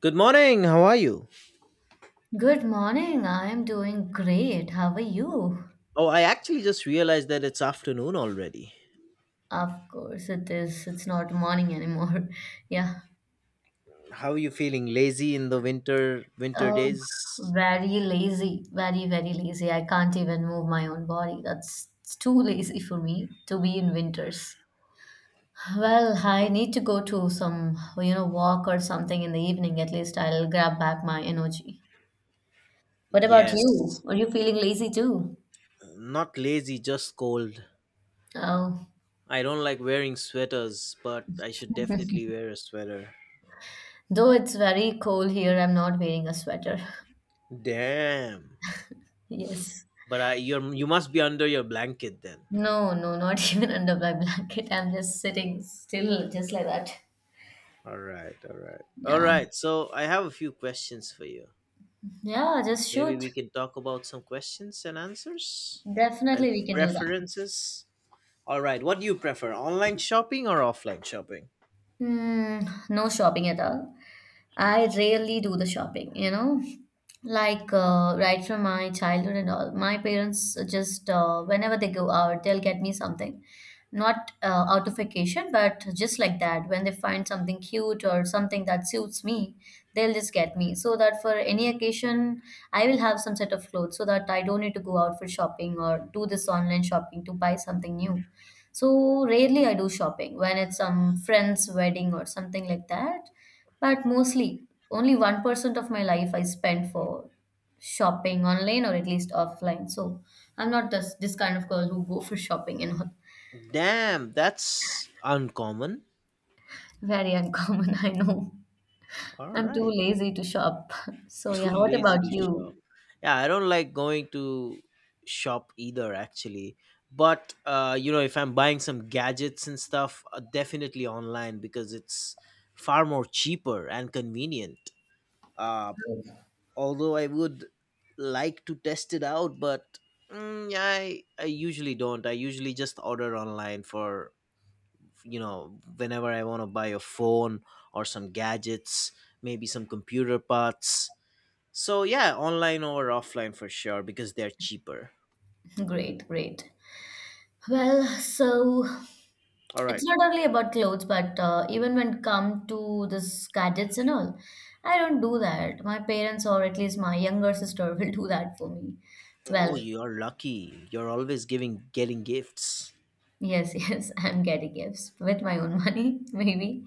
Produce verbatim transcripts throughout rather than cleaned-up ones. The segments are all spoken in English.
Good morning. How are you? Good morning. I am doing great. How are you? Oh, I actually just realized that it's afternoon already. Of course, it is. It's not morning anymore. Yeah. How are you feeling? Lazy in the winter winter Um, days? very lazy. Very, very lazy. I can't even move my own body. That's it's too lazy for me to be in winters. Well, I need to go to some, you know, walk or something in the evening. At least I'll grab back my energy. What about you? Yes. Are you feeling lazy too? Not lazy, just cold. Oh, I don't like wearing sweaters, but I should definitely wear a sweater. though it's very cold here, I'm not wearing a sweater. Damn. Yes. But I you're you must be under your blanket then. No, no, not even under my blanket. I'm just sitting still, just like that. All right, all right. All Yeah. right. So, I have a few questions for you. Yeah, just Maybe shoot. we can talk about some questions and answers and Definitely we can do that. preferences. All right, what do you prefer, online shopping or offline shopping? Hmm, no shopping at all. I rarely do the shopping, you know. Like uh, right from my childhood and all, my parents just uh, whenever they go out, they'll get me something, not uh, out of vacation, but just like that. When they find something cute or something that suits me, they'll just get me. So that for any occasion, I will have some set of clothes, so that I don't need to go out for shopping or do this online shopping to buy something new. So rarely I do shopping when it's some friend's wedding or something like that. But mostly, only one percent of my life I spend for shopping online or at least offline. So I'm not this, this kind of girl who go for shopping and all. Damn, that's uncommon. Very uncommon, I know. All I'm too right, lazy to shop. So too yeah, what lazy about to shop. you? Yeah, I don't like going to shop either, actually. But uh, you know, if I'm buying some gadgets and stuff, uh, definitely online because it's far more cheaper and convenient. Uh, although I would like to test it out, but mm, I I usually don't. I usually just order online for you know whenever I want to buy a phone, or some gadgets, maybe some computer parts. So yeah, online or offline for sure, because they're cheaper. Great, great. Well, so All right. it's not only about clothes but uh, even when it come to this gadgets and all, I don't do that. My parents or at least my younger sister will do that for me. Oh, Well, you're lucky, you're always giving getting gifts. yes, yes, I'm getting gifts with my own money, maybe.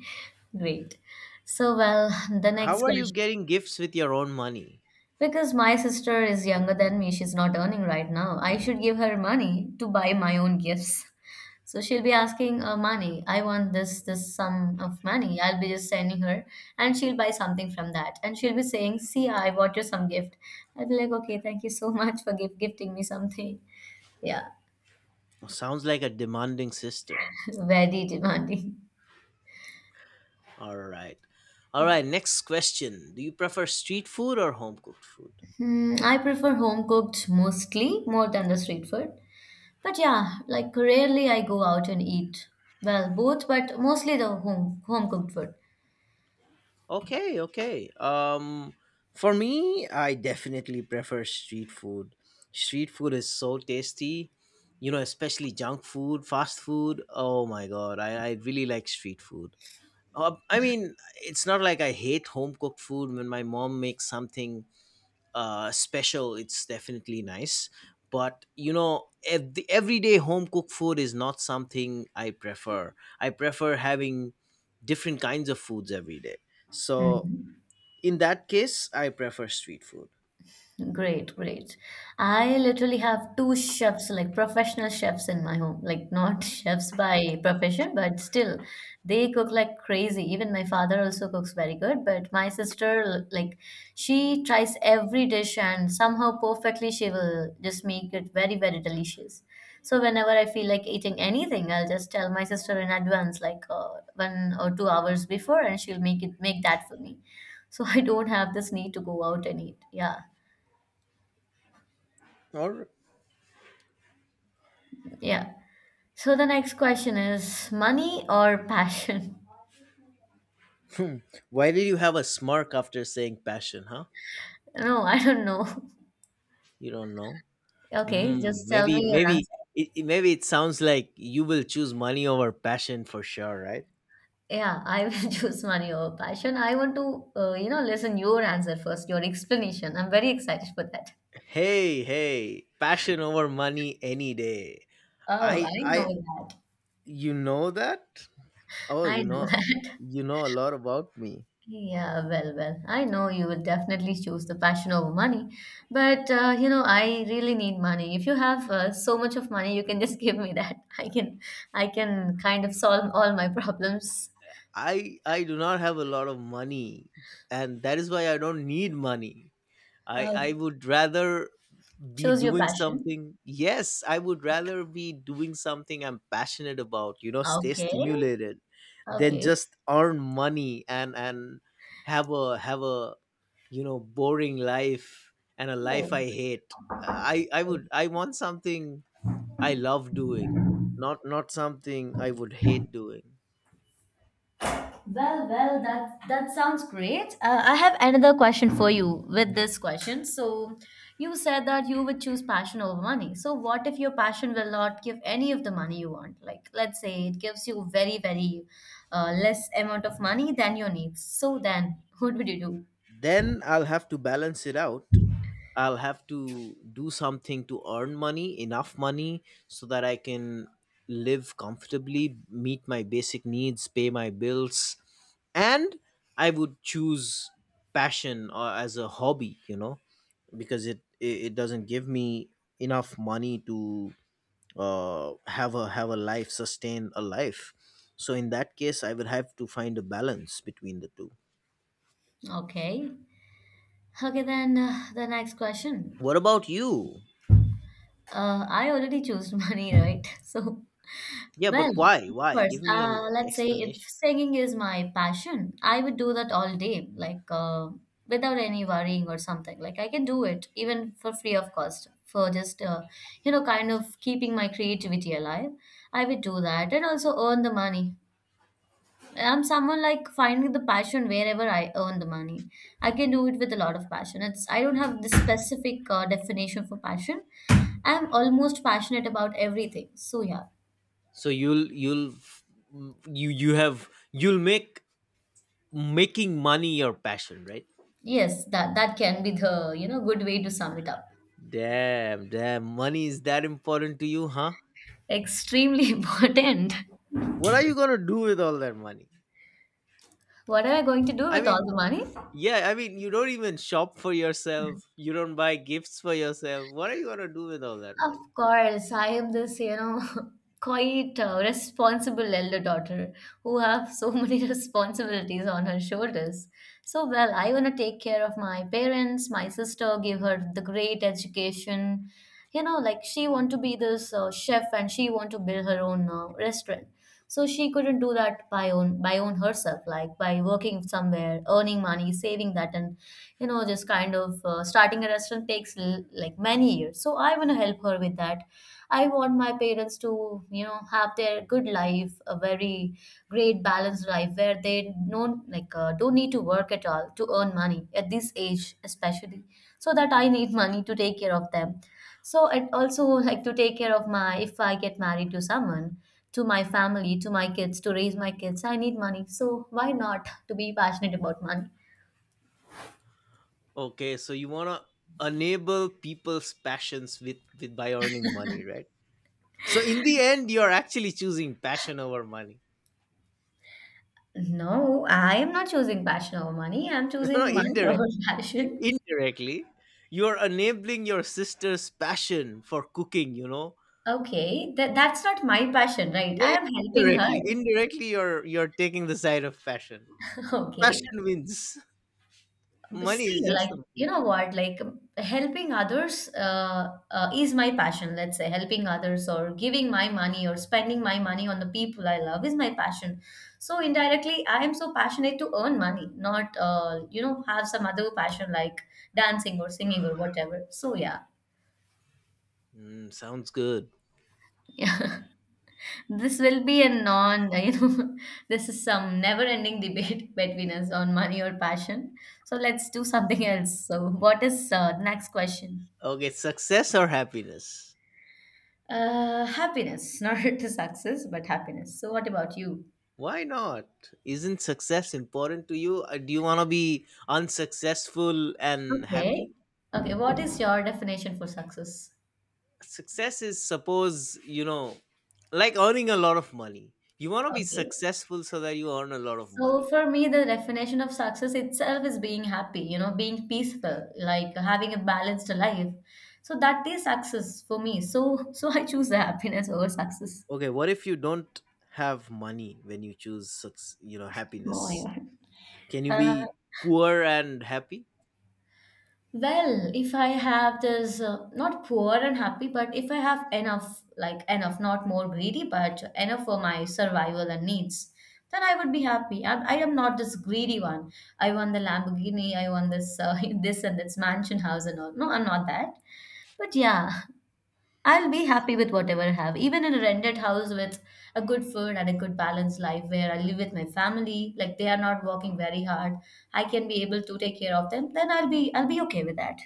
Great. So, well, the How next are you question. getting gifts with your own money? Because my sister is younger than me, she's not earning right now. I should give her money to buy my own gifts. So she'll be asking uh, money. I want this this sum of money. I'll be just sending her, and she'll buy something from that. And she'll be saying, "See, I bought you some gift." I'll be like, "Okay, thank you so much for gift gifting me something." Yeah, Oh, sounds like a demanding sister. very demanding. All right, all right, next question: do you prefer street food or home cooked food? Hmm, I prefer home cooked mostly more than the street food. But yeah, like rarely I go out and eat. Well, both, but mostly the home home cooked food. Okay, okay. Um, for me, I definitely prefer street food. Street food is so tasty, you know, especially junk food, fast food. Oh my god, I, I really like street food. Uh, I mean, it's not like I hate home cooked food. When my mom makes something uh, special, it's definitely nice. But you know, ev- the everyday home cooked food is not something I prefer. I prefer having different kinds of foods every day. So Mhm. in that case, I prefer street food. Great, great. I literally have two chefs, like professional chefs in my home. Like not chefs by profession, but still they cook like crazy. Even my father also cooks very good, but my sister, like she tries every dish and somehow perfectly she will just make it very, very delicious. So whenever I feel like eating anything, I'll just tell my sister in advance, like uh, one or two hours before, and she'll make it make that for me. So I don't have this need to go out and eat. Yeah. Or Yeah. So the next question is money or passion? hmm, why did you have a smirk after saying passion, huh? No, I don't know. You don't know. Okay, Hmm. just tell me Maybe, your maybe, answer. it, it- maybe it sounds like you will choose money over passion for sure, right? Yeah, I will choose money over passion. I want to, uh, you know, listen your answer first, your explanation. I'm very excited for that. Hey, hey, passion over money any day. Oh, I, I I, know that. you know that? Oh, you I know know, that. you know a lot about me. Yeah, well, well, I know you will definitely choose the passion over money, but uh, you know, I really need money. If you have uh, so much of money, you can just give me that. I can, I can kind of solve all my problems. I, I do not have a lot of money, and that is why I don't need money. I, Uh, I would rather be choose your doing passion. something yes i would rather be doing something I'm passionate about, you know, stay Okay. stimulated, than Okay. just earn money, and and have a have a, you know, boring life and a life Cool. I hate. i i would I want something I love doing, not not something I would hate doing. Well, well, that that sounds great. Uh, I have another question for you with this question. So, you said that you would choose passion over money. So, what if your passion will not give any of the money you want? Like, let's say it gives you very, very uh, less amount of money than your needs. So then, what would you do? Then I'll have to balance it out. I'll have to do something to earn money, enough money, so that I can live comfortably, meet my basic needs, pay my bills, and I would choose passion or as a hobby, you know, because it it, it doesn't give me enough money to uh, have a have a life, sustain a life. So in that case, I would have to find a balance between the two. Okay. Okay, then uh, the next question. What about you? Uh, I already chose money, right? So. Yeah, Well, but why? of Why? course. Give me Uh, an let's say if explanation. singing is my passion, I would do that all day, like uh, without any worrying or something. Like I can do it even for free of cost, for just uh, you know, kind of keeping my creativity alive. I would do that and also earn the money. I'm someone like finding the passion wherever I earn the money. I can do it with a lot of passion. It's I don't have this specific uh, definition for passion. I'm almost passionate about everything. So yeah. So you'll you'll you you have you'll make making money your passion, right? Yes, that that can be the, you know, good way to sum it up. Damn, damn, money is that important to you, huh? Extremely important. What are you gonna do with all that money? What am I going to do I with all mean, the money? yeah, I mean, you don't even shop for yourself, you don't buy gifts for yourself. What are you gonna do with all that Of money? course, I am this, you know, quite uh, responsible elder daughter who have so many responsibilities on her shoulders. So, well, I want to take care of my parents, my sister, give her the great education. You know, like she want to be this uh, chef and she want to build her own uh, restaurant. So she couldn't do that by own by own herself, like by working somewhere, earning money, saving that, and you know just kind of uh, starting a restaurant takes l- like many years. So I want to help her with that. I want my parents to, you know, have their good life, a very great balanced life where they don't like uh, don't need to work at all to earn money at this age especially. So that I need money to take care of them. So and also like to take care of my, if I get married to someone, to my family, to my kids, to raise my kids, I need money. So why not to be passionate about money? Okay, so you wanna enable people's passions with, with by earning money, right? So in the end, you're actually choosing passion over money. No, I am not choosing passion over money. I'm No, no, choosing money indirectly, over passion. indirectly you're enabling your sister's passion for cooking, you know. Okay, that that's not my passion, right? Yeah, I yeah, am helping her. indirectly, indirectly you're you're taking the side of passion. Okay. Passion wins. Money See, is just like, a, you know what? Like, helping others uh, uh, is my passion, let's say. Helping others or giving my money or spending my money on the people I love is my passion. So, indirectly, I am so passionate to earn money, not, uh, you know, have some other passion like dancing or singing or whatever. So, yeah. mm, sounds good. This will be a non, you know, this is some never-ending debate between us on money or passion. So let's do something else. So, what is uh, the next question? Okay, success or happiness? Uh, happiness, not to success, but happiness. So, what about you? Why not? Isn't success important to you? Uh, do you want to be unsuccessful and Okay. happy? Okay, what is your definition for success? Success is, suppose, you know, like earning a lot of money. You want to be Okay. successful so that you earn a lot of So money. for me, the definition of success itself is being happy, you know, being peaceful, like having a balanced life. So that is success for me. So so I choose the happiness over success. Okay, what if you don't have money when you choose suc- you know, Oh my happiness? God. Can you Uh, be poor and happy? well, if I have this, uh, not poor and happy, but if I have enough, like enough, not more greedy, but enough for my survival and needs, then I would be happy. I, I am not this greedy one. I want the Lamborghini, I want this, uh, this and this mansion house and all. No, I'm not that. But yeah. I'll be happy with whatever I have, even in a rented house with a good food and a good balanced life where I live with my family, like they are not working very hard. I can be able to take care of them, then I'll be I'll be okay with that.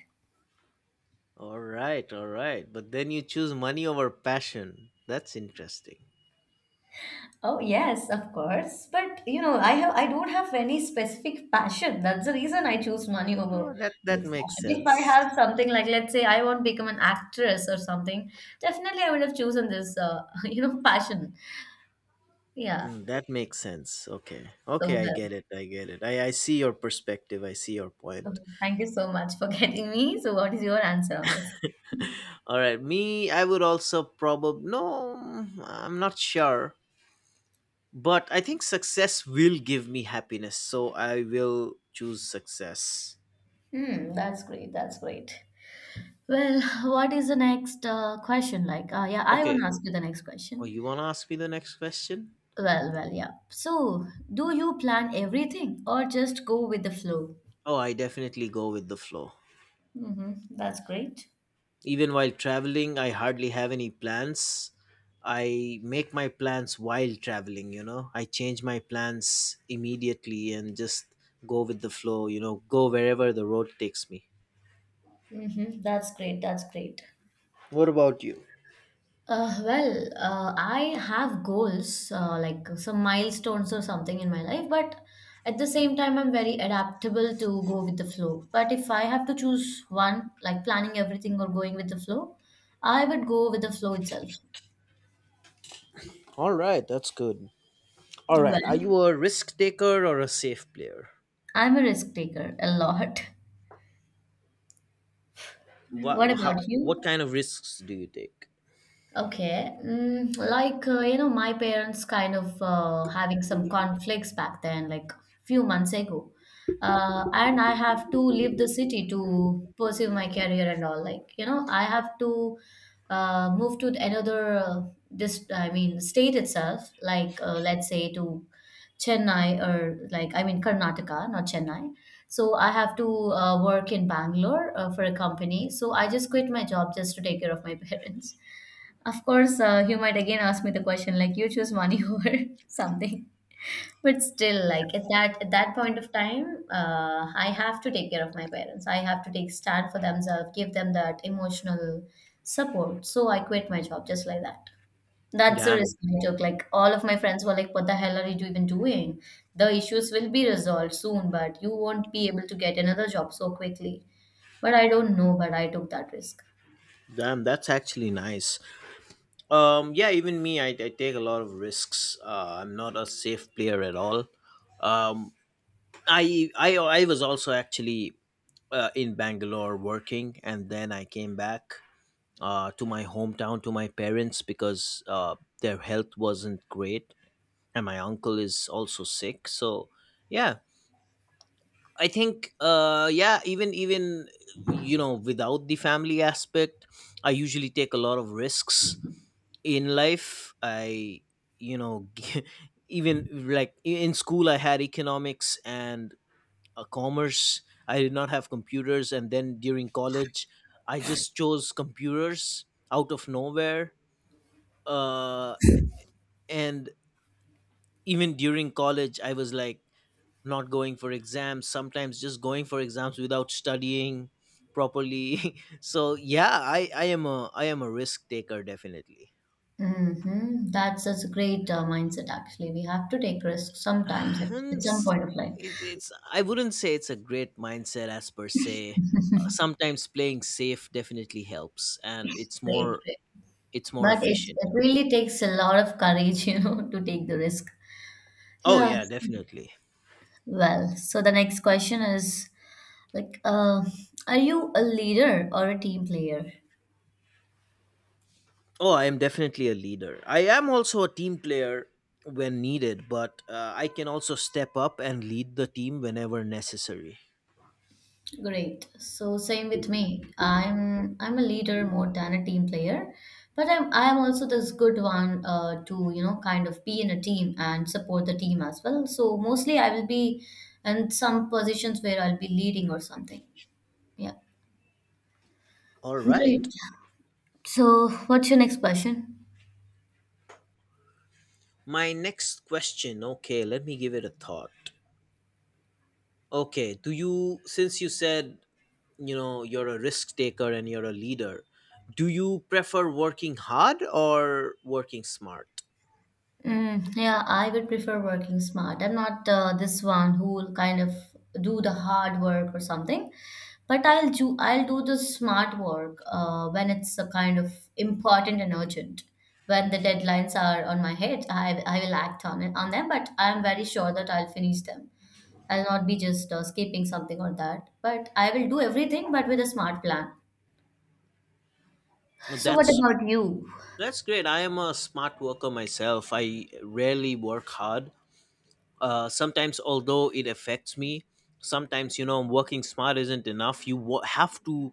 All right, all right. But then you choose money over passion. That's interesting. Oh yes, of course. But you know, I have I don't have any specific passion. That's the reason I choose money Oh, over that that this makes passion. If I sense. have something, like let's say I want to become an actress or something, definitely I would have chosen this uh, you know passion. Yeah. Mm, that makes sense. Okay. So Okay, I well. get it. I get it. I, I see your perspective. I see your point. Okay, thank you so much for getting me. So, what is your answer on this? All right. Me, I would also probably, no, I'm not sure. But I think success will give me happiness, so I will choose success. Hmm, that's great. That's great. Well, what is the next uh, question like? Uh, yeah, I want Okay, to ask you the next oh, question. you want to ask me the next question? Well, well, yeah. So, do you plan everything or just go with the flow? Oh, I definitely go with the flow. Mm-hmm. That's great. Even while traveling, I hardly have any plans. I make my plans while traveling, you know. I change my plans immediately and just go with the flow, you know, go wherever the road takes me. Mm-hmm. That's great. That's great. What about you? Uh, well, uh, I have goals, uh, like some milestones or something in my life, but at the same time, I'm very adaptable to go with the flow. But if I have to choose one, like planning everything or going with the flow, I would go with the flow itself. All right, that's good. All right, are Well, you a risk taker or a safe player? I'm a risk taker a lot. What, What how, about what you? kind of risks do you take? Okay, mm, like uh, you know, my parents kind of uh, having some conflicts back then, like few months ago, uh, and I have to leave the city to pursue my career and all. Like you know, I have to uh, move to another uh, this I mean state itself, like uh, let's say to Chennai or like I mean Karnataka, not Chennai. So I have to uh, work in Bangalore uh, for a company. So I just quit my job just to take care of my parents. Of course, uh, you might again ask me the question like you choose money over something, but still, like at that at that point of time, uh, I have to take care of my parents. I have to take stand for themselves, give them that emotional support. So I quit my job just like that. That's the Damn, risk I took. Like all of my friends were like, "What the hell are you even doing? The issues will be resolved soon, but you won't be able to get another job so quickly." But I don't know, but I took that risk. damn, that's actually nice. Um, yeah, even me, I, I take a lot of risks. Uh, I'm not a safe player at all. Um, I I I was also actually uh, in Bangalore working, and then I came back uh, to my hometown to my parents because uh, their health wasn't great, and my uncle is also sick. So yeah, I think uh yeah, even even you know, without the family aspect, I usually take a lot of risks in life. I you know, even like i- in school I had economics and uh, commerce. I did not have computers, and then during college I just chose computers out of nowhere. Uh and even during college I was like not going for exams sometimes, just going for exams without studying properly. So yeah, i i am a I am a risk taker, definitely. Mm-hmm. That's such a great uh, mindset, actually. We have to take risks sometimes at, Hmm, at some s- point of life. it's, it's, I wouldn't say it's a great mindset as per se. Uh, sometimes playing safe definitely helps, and it's Great, more great. it's more But it, efficient, it you know. really takes a lot of courage, you know, to take the risk. Oh Yeah. yeah, definitely. Well, so the next question is like, uh, are you a leader or a team player? Oh, I am definitely a leader. I am also a team player when needed, but uh, I can also step up and lead the team whenever necessary. Great. So same with me. I'm I'm a leader more than a team player, but I'm I'm also this good one uh, to you know kind of be in a team and support the team as well. So mostly I will be in some positions where I'll be leading or something. Yeah. All right. Great. So what's your next question? My next question. Okay, let me give it a thought. Okay, do you, since you said, you know, you're a risk taker and you're a leader, do you prefer working hard or working smart? Mm, yeah, I would prefer working smart. I'm not uh, this one who will kind of do the hard work or something, but I'll do I'll do the smart work uh, when it's a kind of important and urgent. When the deadlines are on my head, I I will act on it on them, but I'm very sure that I'll finish them. I'll not be just uh, skipping something or that, but I will do everything, but with a smart plan. Well, So, what That's about you? that's great. I am a smart worker myself. I rarely work hard. Uh, sometimes, although it affects me, sometimes you know working smart isn't enough. You wo- have to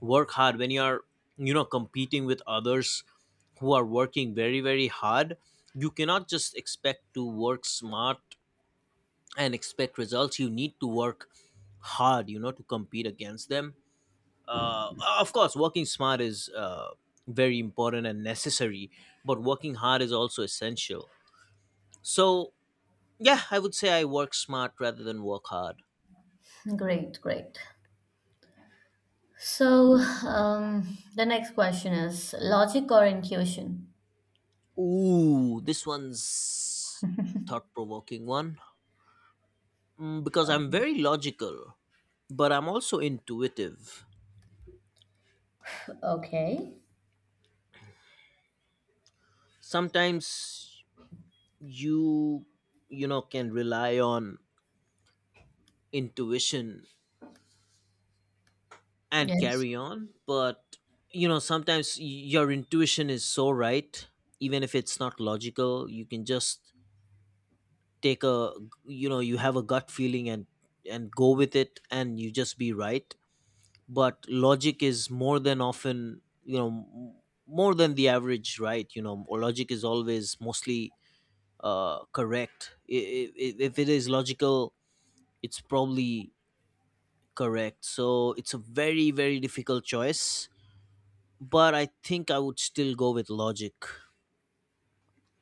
work hard when you are, you know, competing with others who are working very, very hard. You cannot just expect to work smart and expect results. You need to work hard, you know, to compete against them. uh, of course working smart is, uh, very important and necessary, but working hard is also essential. So yeah, I would say I work smart rather than work hard. Great, great. So, um, the next question is logic or intuition? Ooh, this one's thought provoking one. Mm, because Uh, I'm very logical, but I'm also intuitive. Okay. Sometimes you you know, can rely on intuition and Yes. carry on, but you know sometimes y- your intuition is so right, even if it's not logical. You can just take a, you know, you have a gut feeling and and go with it and you just be right. But logic is more than often, you know, m- more than the average right, you know, or logic is always mostly uh, correct. I- i- If it is logical, it's probably correct. So it's a very, very difficult choice, but I think I would still go with logic.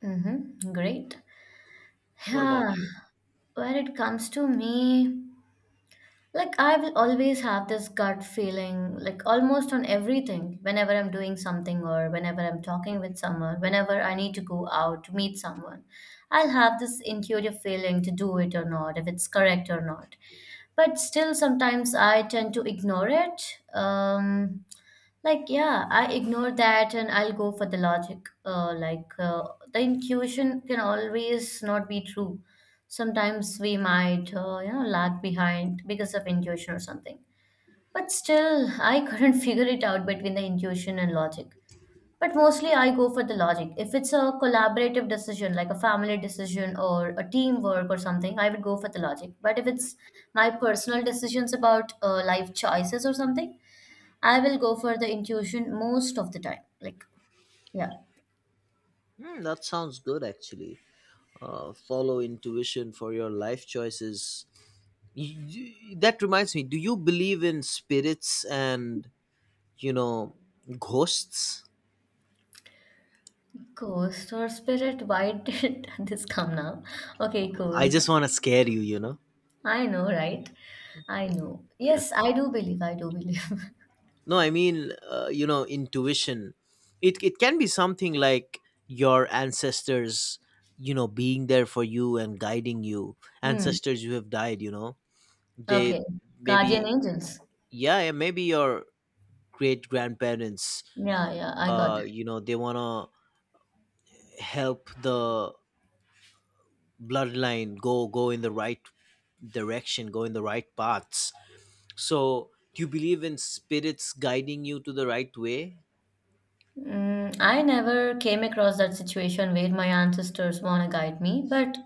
Mm-hmm. Great. What about Yeah. you? When it comes to me, like I will always have this gut feeling, like almost on everything, whenever I'm doing something or whenever I'm talking with someone, whenever I need to go out to meet someone, I'll have this intuitive feeling to do it or not, if it's correct or not. But still, sometimes I tend to ignore it. Um, Like, yeah, I ignore that and I'll go for the logic. Uh, like, uh, the intuition can always not be true. Sometimes we might, uh, you know, lag behind because of intuition or something. But still, I couldn't figure it out between the intuition and logic. But mostly, I go for the logic. If it's a collaborative decision, like a family decision or a teamwork or something, I would go for the logic. But if it's my personal decisions about uh, life choices or something, I will go for the intuition most of the time. Like, yeah. Hmm, that sounds good, actually. Uh, follow intuition for your life choices. Y- y- that reminds me, do you believe in spirits and, you know, ghosts? Ghost or spirit? Why did this come now? Okay, cool. I just want to scare you, you know? I know, right? I know. Yes, I do believe. I do believe. No, I mean, uh, you know, intuition. It it can be something like your ancestors, you know, being there for you and guiding you. Hmm. Ancestors who have died, you know. They Okay. Guardian maybe, angels. yeah, yeah, maybe your great grandparents, Yeah, yeah, I got. uh, you know, they want to help the bloodline go go in the right direction, go in the right paths. So, do you believe in spirits guiding you to the right way? Mm, I never came across that situation where my ancestors want to guide me, but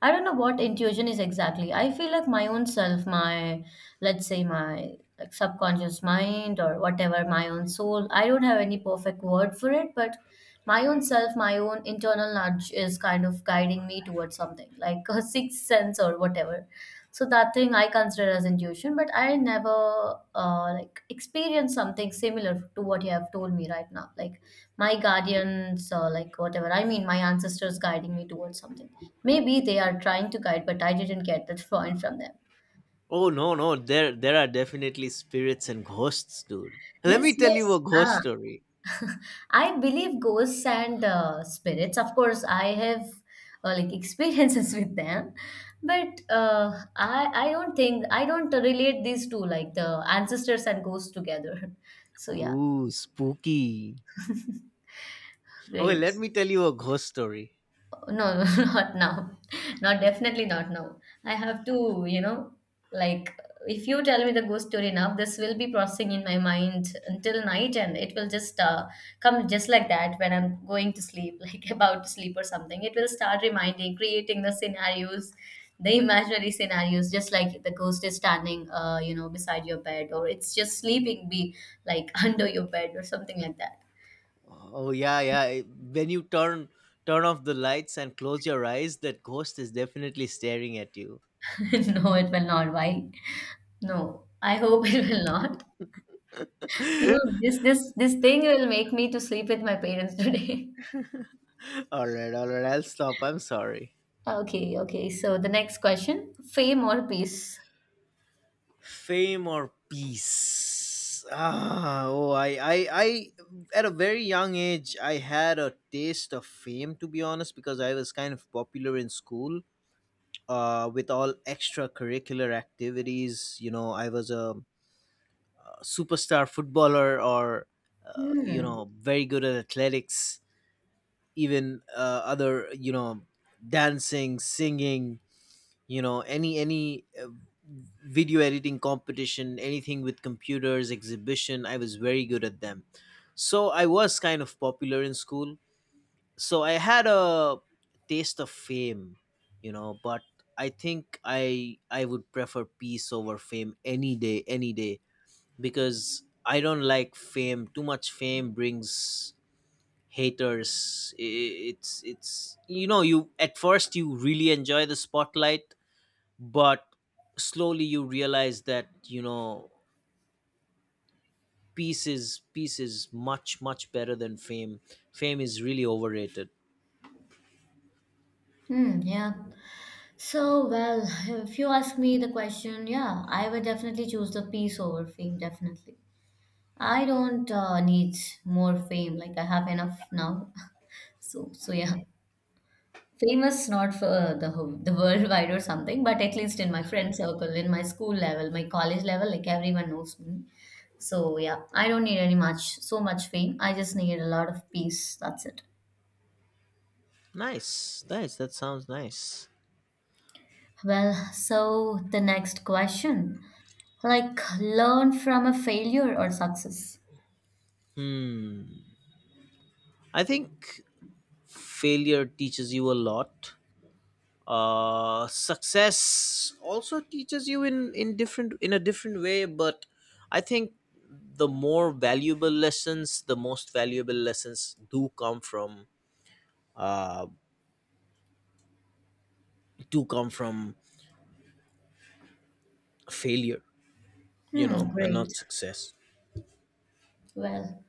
I don't know what intuition is exactly. I feel like my own self, my, let's say, my like, subconscious mind or whatever, my own soul. I don't have any perfect word for it, but my own self, my own internal nudge is kind of guiding me towards something like a sixth sense or whatever. So that thing I consider as intuition, but I never uh, like experienced something similar to what you have told me right now. Like my guardians or like whatever I mean my ancestors guiding me towards something, maybe they are trying to guide but I didn't get that point from them. Oh no, no, there there are definitely spirits and ghosts, dude. Let me Yes, tell you yes, a ghost ah. story. I believe ghosts and uh, spirits, of course I have uh, like experiences with them, but uh, i i don't think I don't relate these two like the ancestors and ghosts together so yeah. Ooh, spooky. Okay, Great. let me tell you a ghost story. No, not now. Not definitely not now. I have to, you know, like if you tell me the ghost story now, this will be processing in my mind until night, and it will just uh, come just like that when I'm going to sleep, like about to sleep or something. It will start reminding, creating the scenarios, the imaginary scenarios, just like the ghost is standing, uh, you know, beside your bed, or it's just sleeping, be like under your bed or something like that. Oh yeah, yeah. When you turn turn off the lights and close your eyes, that ghost is definitely staring at you. No, it will not. Why? No, I hope it will not. You know, this this this thing will make me to sleep with my parents today. All right, all right. I'll stop. I'm sorry. Okay, okay. So the next question, fame or peace? Fame or peace? Ah oh I, I I at a very young age, I had a taste of fame, to be honest, because I was kind of popular in school, uh with all extracurricular activities. you know I was a superstar footballer, or uh, you Hmm. know very good at athletics. Even uh, other, you know dancing, singing, you know any any uh, video editing competition, anything with computers, exhibition, I was very good at them. So I was kind of popular in school. So I had a taste of fame, you know, but I think I I would prefer peace over fame any day, any day, because I don't like fame. Too much fame brings haters. I- it's it's you know, you at first you really enjoy the spotlight, but slowly you realize that, you know, peace is peace is much much better than fame. Fame is really overrated. Hmm, yeah. So, well, if you ask me the question, yeah, I would definitely choose the peace over fame, definitely. I don't uh, need more fame, like I have enough now. So, so yeah. Famous not for uh, the whole- the worldwide or something, but at least in my friend circle, in my school level, my college level, like everyone knows me. So yeah, I don't need any much so much fame. I just need a lot of peace. That's it. Nice, nice, that sounds nice. Well, so the next question, like learn from a failure or success. hmm I think failure teaches you a lot. Uh success also teaches you in in different in a different way, but I think the more valuable lessons the most valuable lessons do come from uh do come from failure, you Hmm, know, and great. not success. Well,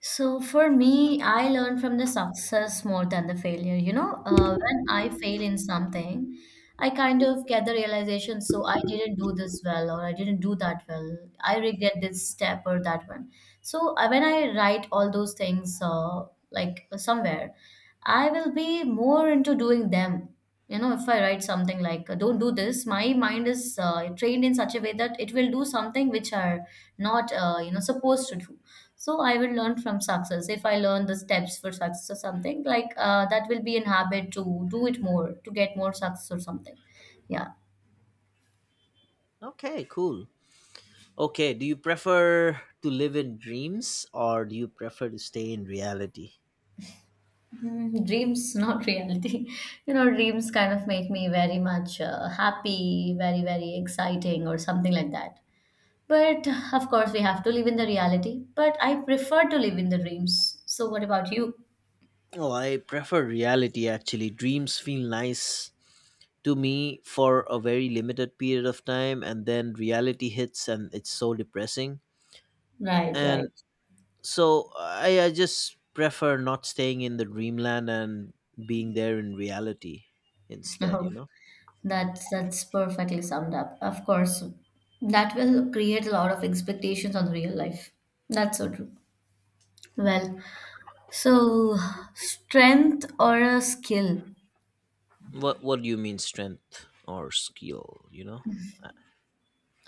so for me, I learn from the success more than the failure. You know, uh, when I fail in something, I kind of get the realization, so I didn't do this well or I didn't do that well. I regret this step or that one. So uh, when I write all those things, uh, like uh, somewhere, I will be more into doing them. You know, if I write something like uh, "Don't do this," my mind is uh, trained in such a way that it will do something which are not, uh, you know, supposed to do. So I will learn from success. If I learn the steps for success or something, like uh, that will be an habit to do it more, to get more success or something. Yeah. Okay, cool. Okay, do you prefer to live in dreams or do you prefer to stay in reality? Mm, dreams, not reality. You know, dreams kind of make me very much uh, happy, very, very exciting, or something like that. But of course, we have to live in the reality. But I prefer to live in the dreams. So, what about you? Oh, I prefer reality actually. Dreams feel nice to me for a very limited period of time, and then reality hits and it's so depressing. Right, right. And so I, I just prefer not staying in the dreamland and being there in reality instead, you No. know? That's that's perfectly summed up. Of course, that will create a lot of expectations on real life. That's so true. Well, so strength or a skill? What what do you mean strength or skill, you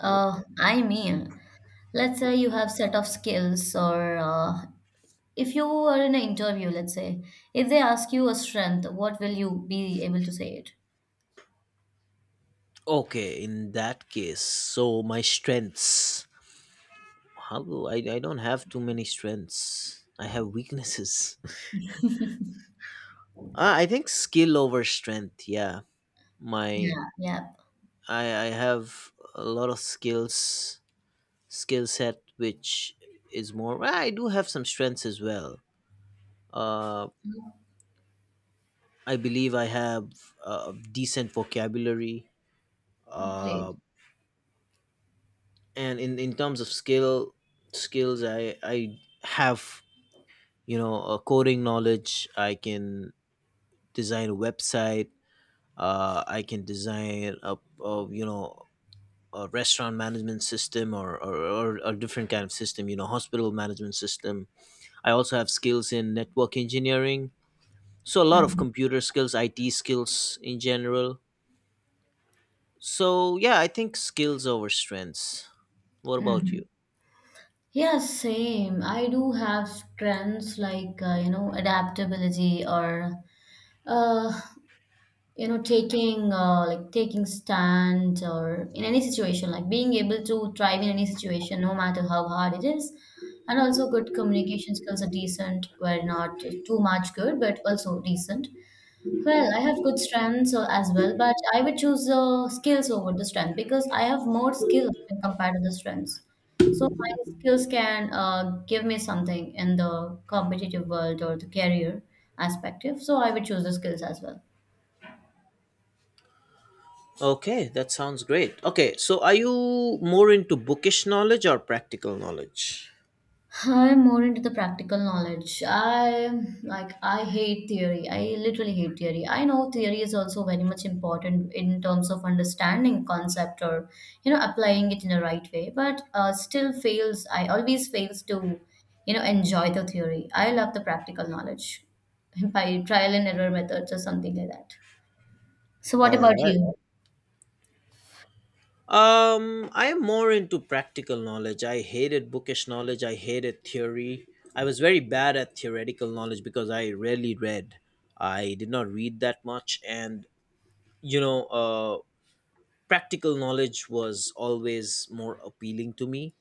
know? I mean, let's say you have set of skills, or uh, if you are in an interview, let's say if they ask you a strength, what will you be able to say it? Okay, in that case, so my strengths. How do I? I don't have too many strengths. I have weaknesses. uh, I think skill over strength. Yeah, my Yeah, yeah, I I have a lot of skills, skill set which is more. ah, I do have some strengths as well. Uh, I believe I have a decent vocabulary. Uh, great. and in in terms of skill skills, I I have, you know, uh, coding knowledge. I can design a website. uh, I can design a, a, you know, a restaurant management system, or, or or a different kind of system, you know, hospital management system. I also have skills in network engineering. So a lot of computer skills, I T skills in general. So yeah, I think skills over strengths. What about Mm-hmm. you? Yeah, same. I do have strengths like uh, you know adaptability or uh, you know taking uh, like taking stand or in any situation like being able to thrive in any situation no matter how hard it is, and also good communication skills are decent. Well, not too much good, but also decent. Well, I have good strengths uh, as well, but I would choose uh, skills over the strength because I have more skills when compared to the strengths. So my skills can uh, give me something in the competitive world or the career aspect. So I would choose the skills as well. Okay, that sounds great. Okay, so are you more into bookish knowledge or practical knowledge? I'm more into the practical knowledge. I like I hate theory. I literally hate theory. I know theory is also very much important in terms of understanding concept or you know applying it in a right way. But uh, still fails. I always fails to you know enjoy the theory. I love the practical knowledge by trial and error methods or something like that. So what All about right. you? Um, I am more into practical knowledge. I hated bookish knowledge. I hated theory. I was very bad at theoretical knowledge because I rarely read. I did not read that much, and you know, uh, practical knowledge was always more appealing to me.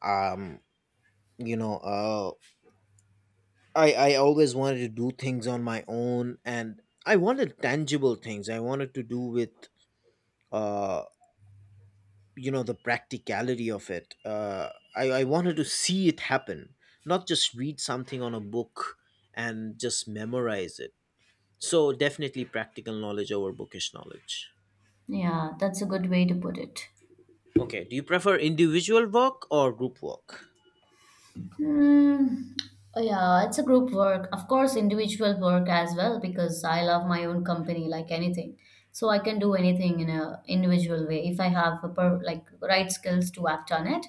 Um, you know, uh, I I always wanted to do things on my own, and I wanted tangible things. I wanted to do with uh you know, the practicality of it. uh, I, I wanted to see it happen, not just read something on a book and just memorize it. So definitely practical knowledge over bookish knowledge. Yeah, that's a good way to put it. Okay, do you prefer individual work or group work? Hmm. Oh, yeah, it's a group work. Of course, individual work as well because I love my own company like anything. So I can do anything in a individual way if I have a per, like right skills to act on it.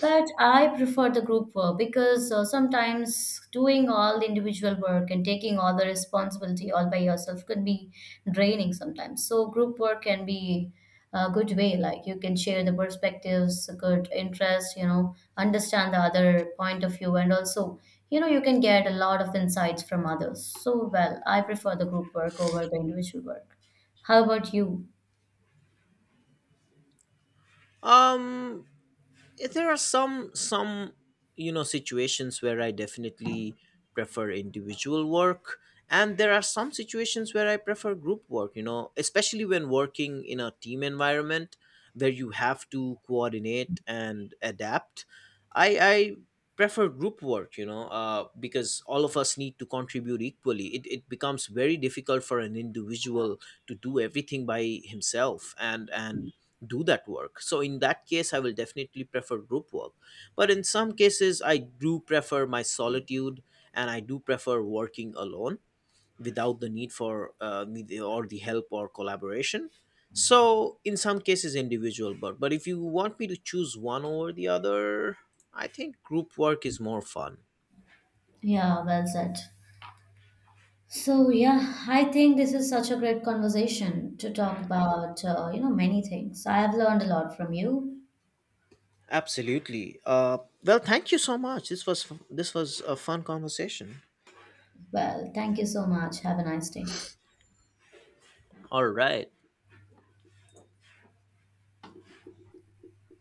But I prefer the group work because uh, sometimes doing all the individual work and taking all the responsibility all by yourself could be draining sometimes. So group work can be a good way. Like you can share the perspectives, good interest, you know, understand the other point of view, and also you know you can get a lot of insights from others. So well, I prefer the group work over the individual work. How about you? um Yeah, there are some some, you know, situations where I definitely prefer individual work, and there are some situations where I prefer group work, you know, especially when working in a team environment where you have to coordinate and adapt. I i prefer group work, you know. Uh, because all of us need to contribute equally, it, it, becomes very difficult for an individual to do everything by himself and and do that work. So in that case, I will definitely prefer group work. But in some cases, I do prefer my solitude, and I do prefer working alone without the need for uh, need- or the help or collaboration. So in some cases, individual work. But if you want me to choose one over the other, I think group work is more fun. Yeah, well said. So yeah, I think this is such a great conversation to talk about, uh, you know, many things. I have learned a lot from you. Absolutely. Uh, well, thank you so much. This was f- this was a fun conversation. Well, thank you so much. Have a nice day. All right.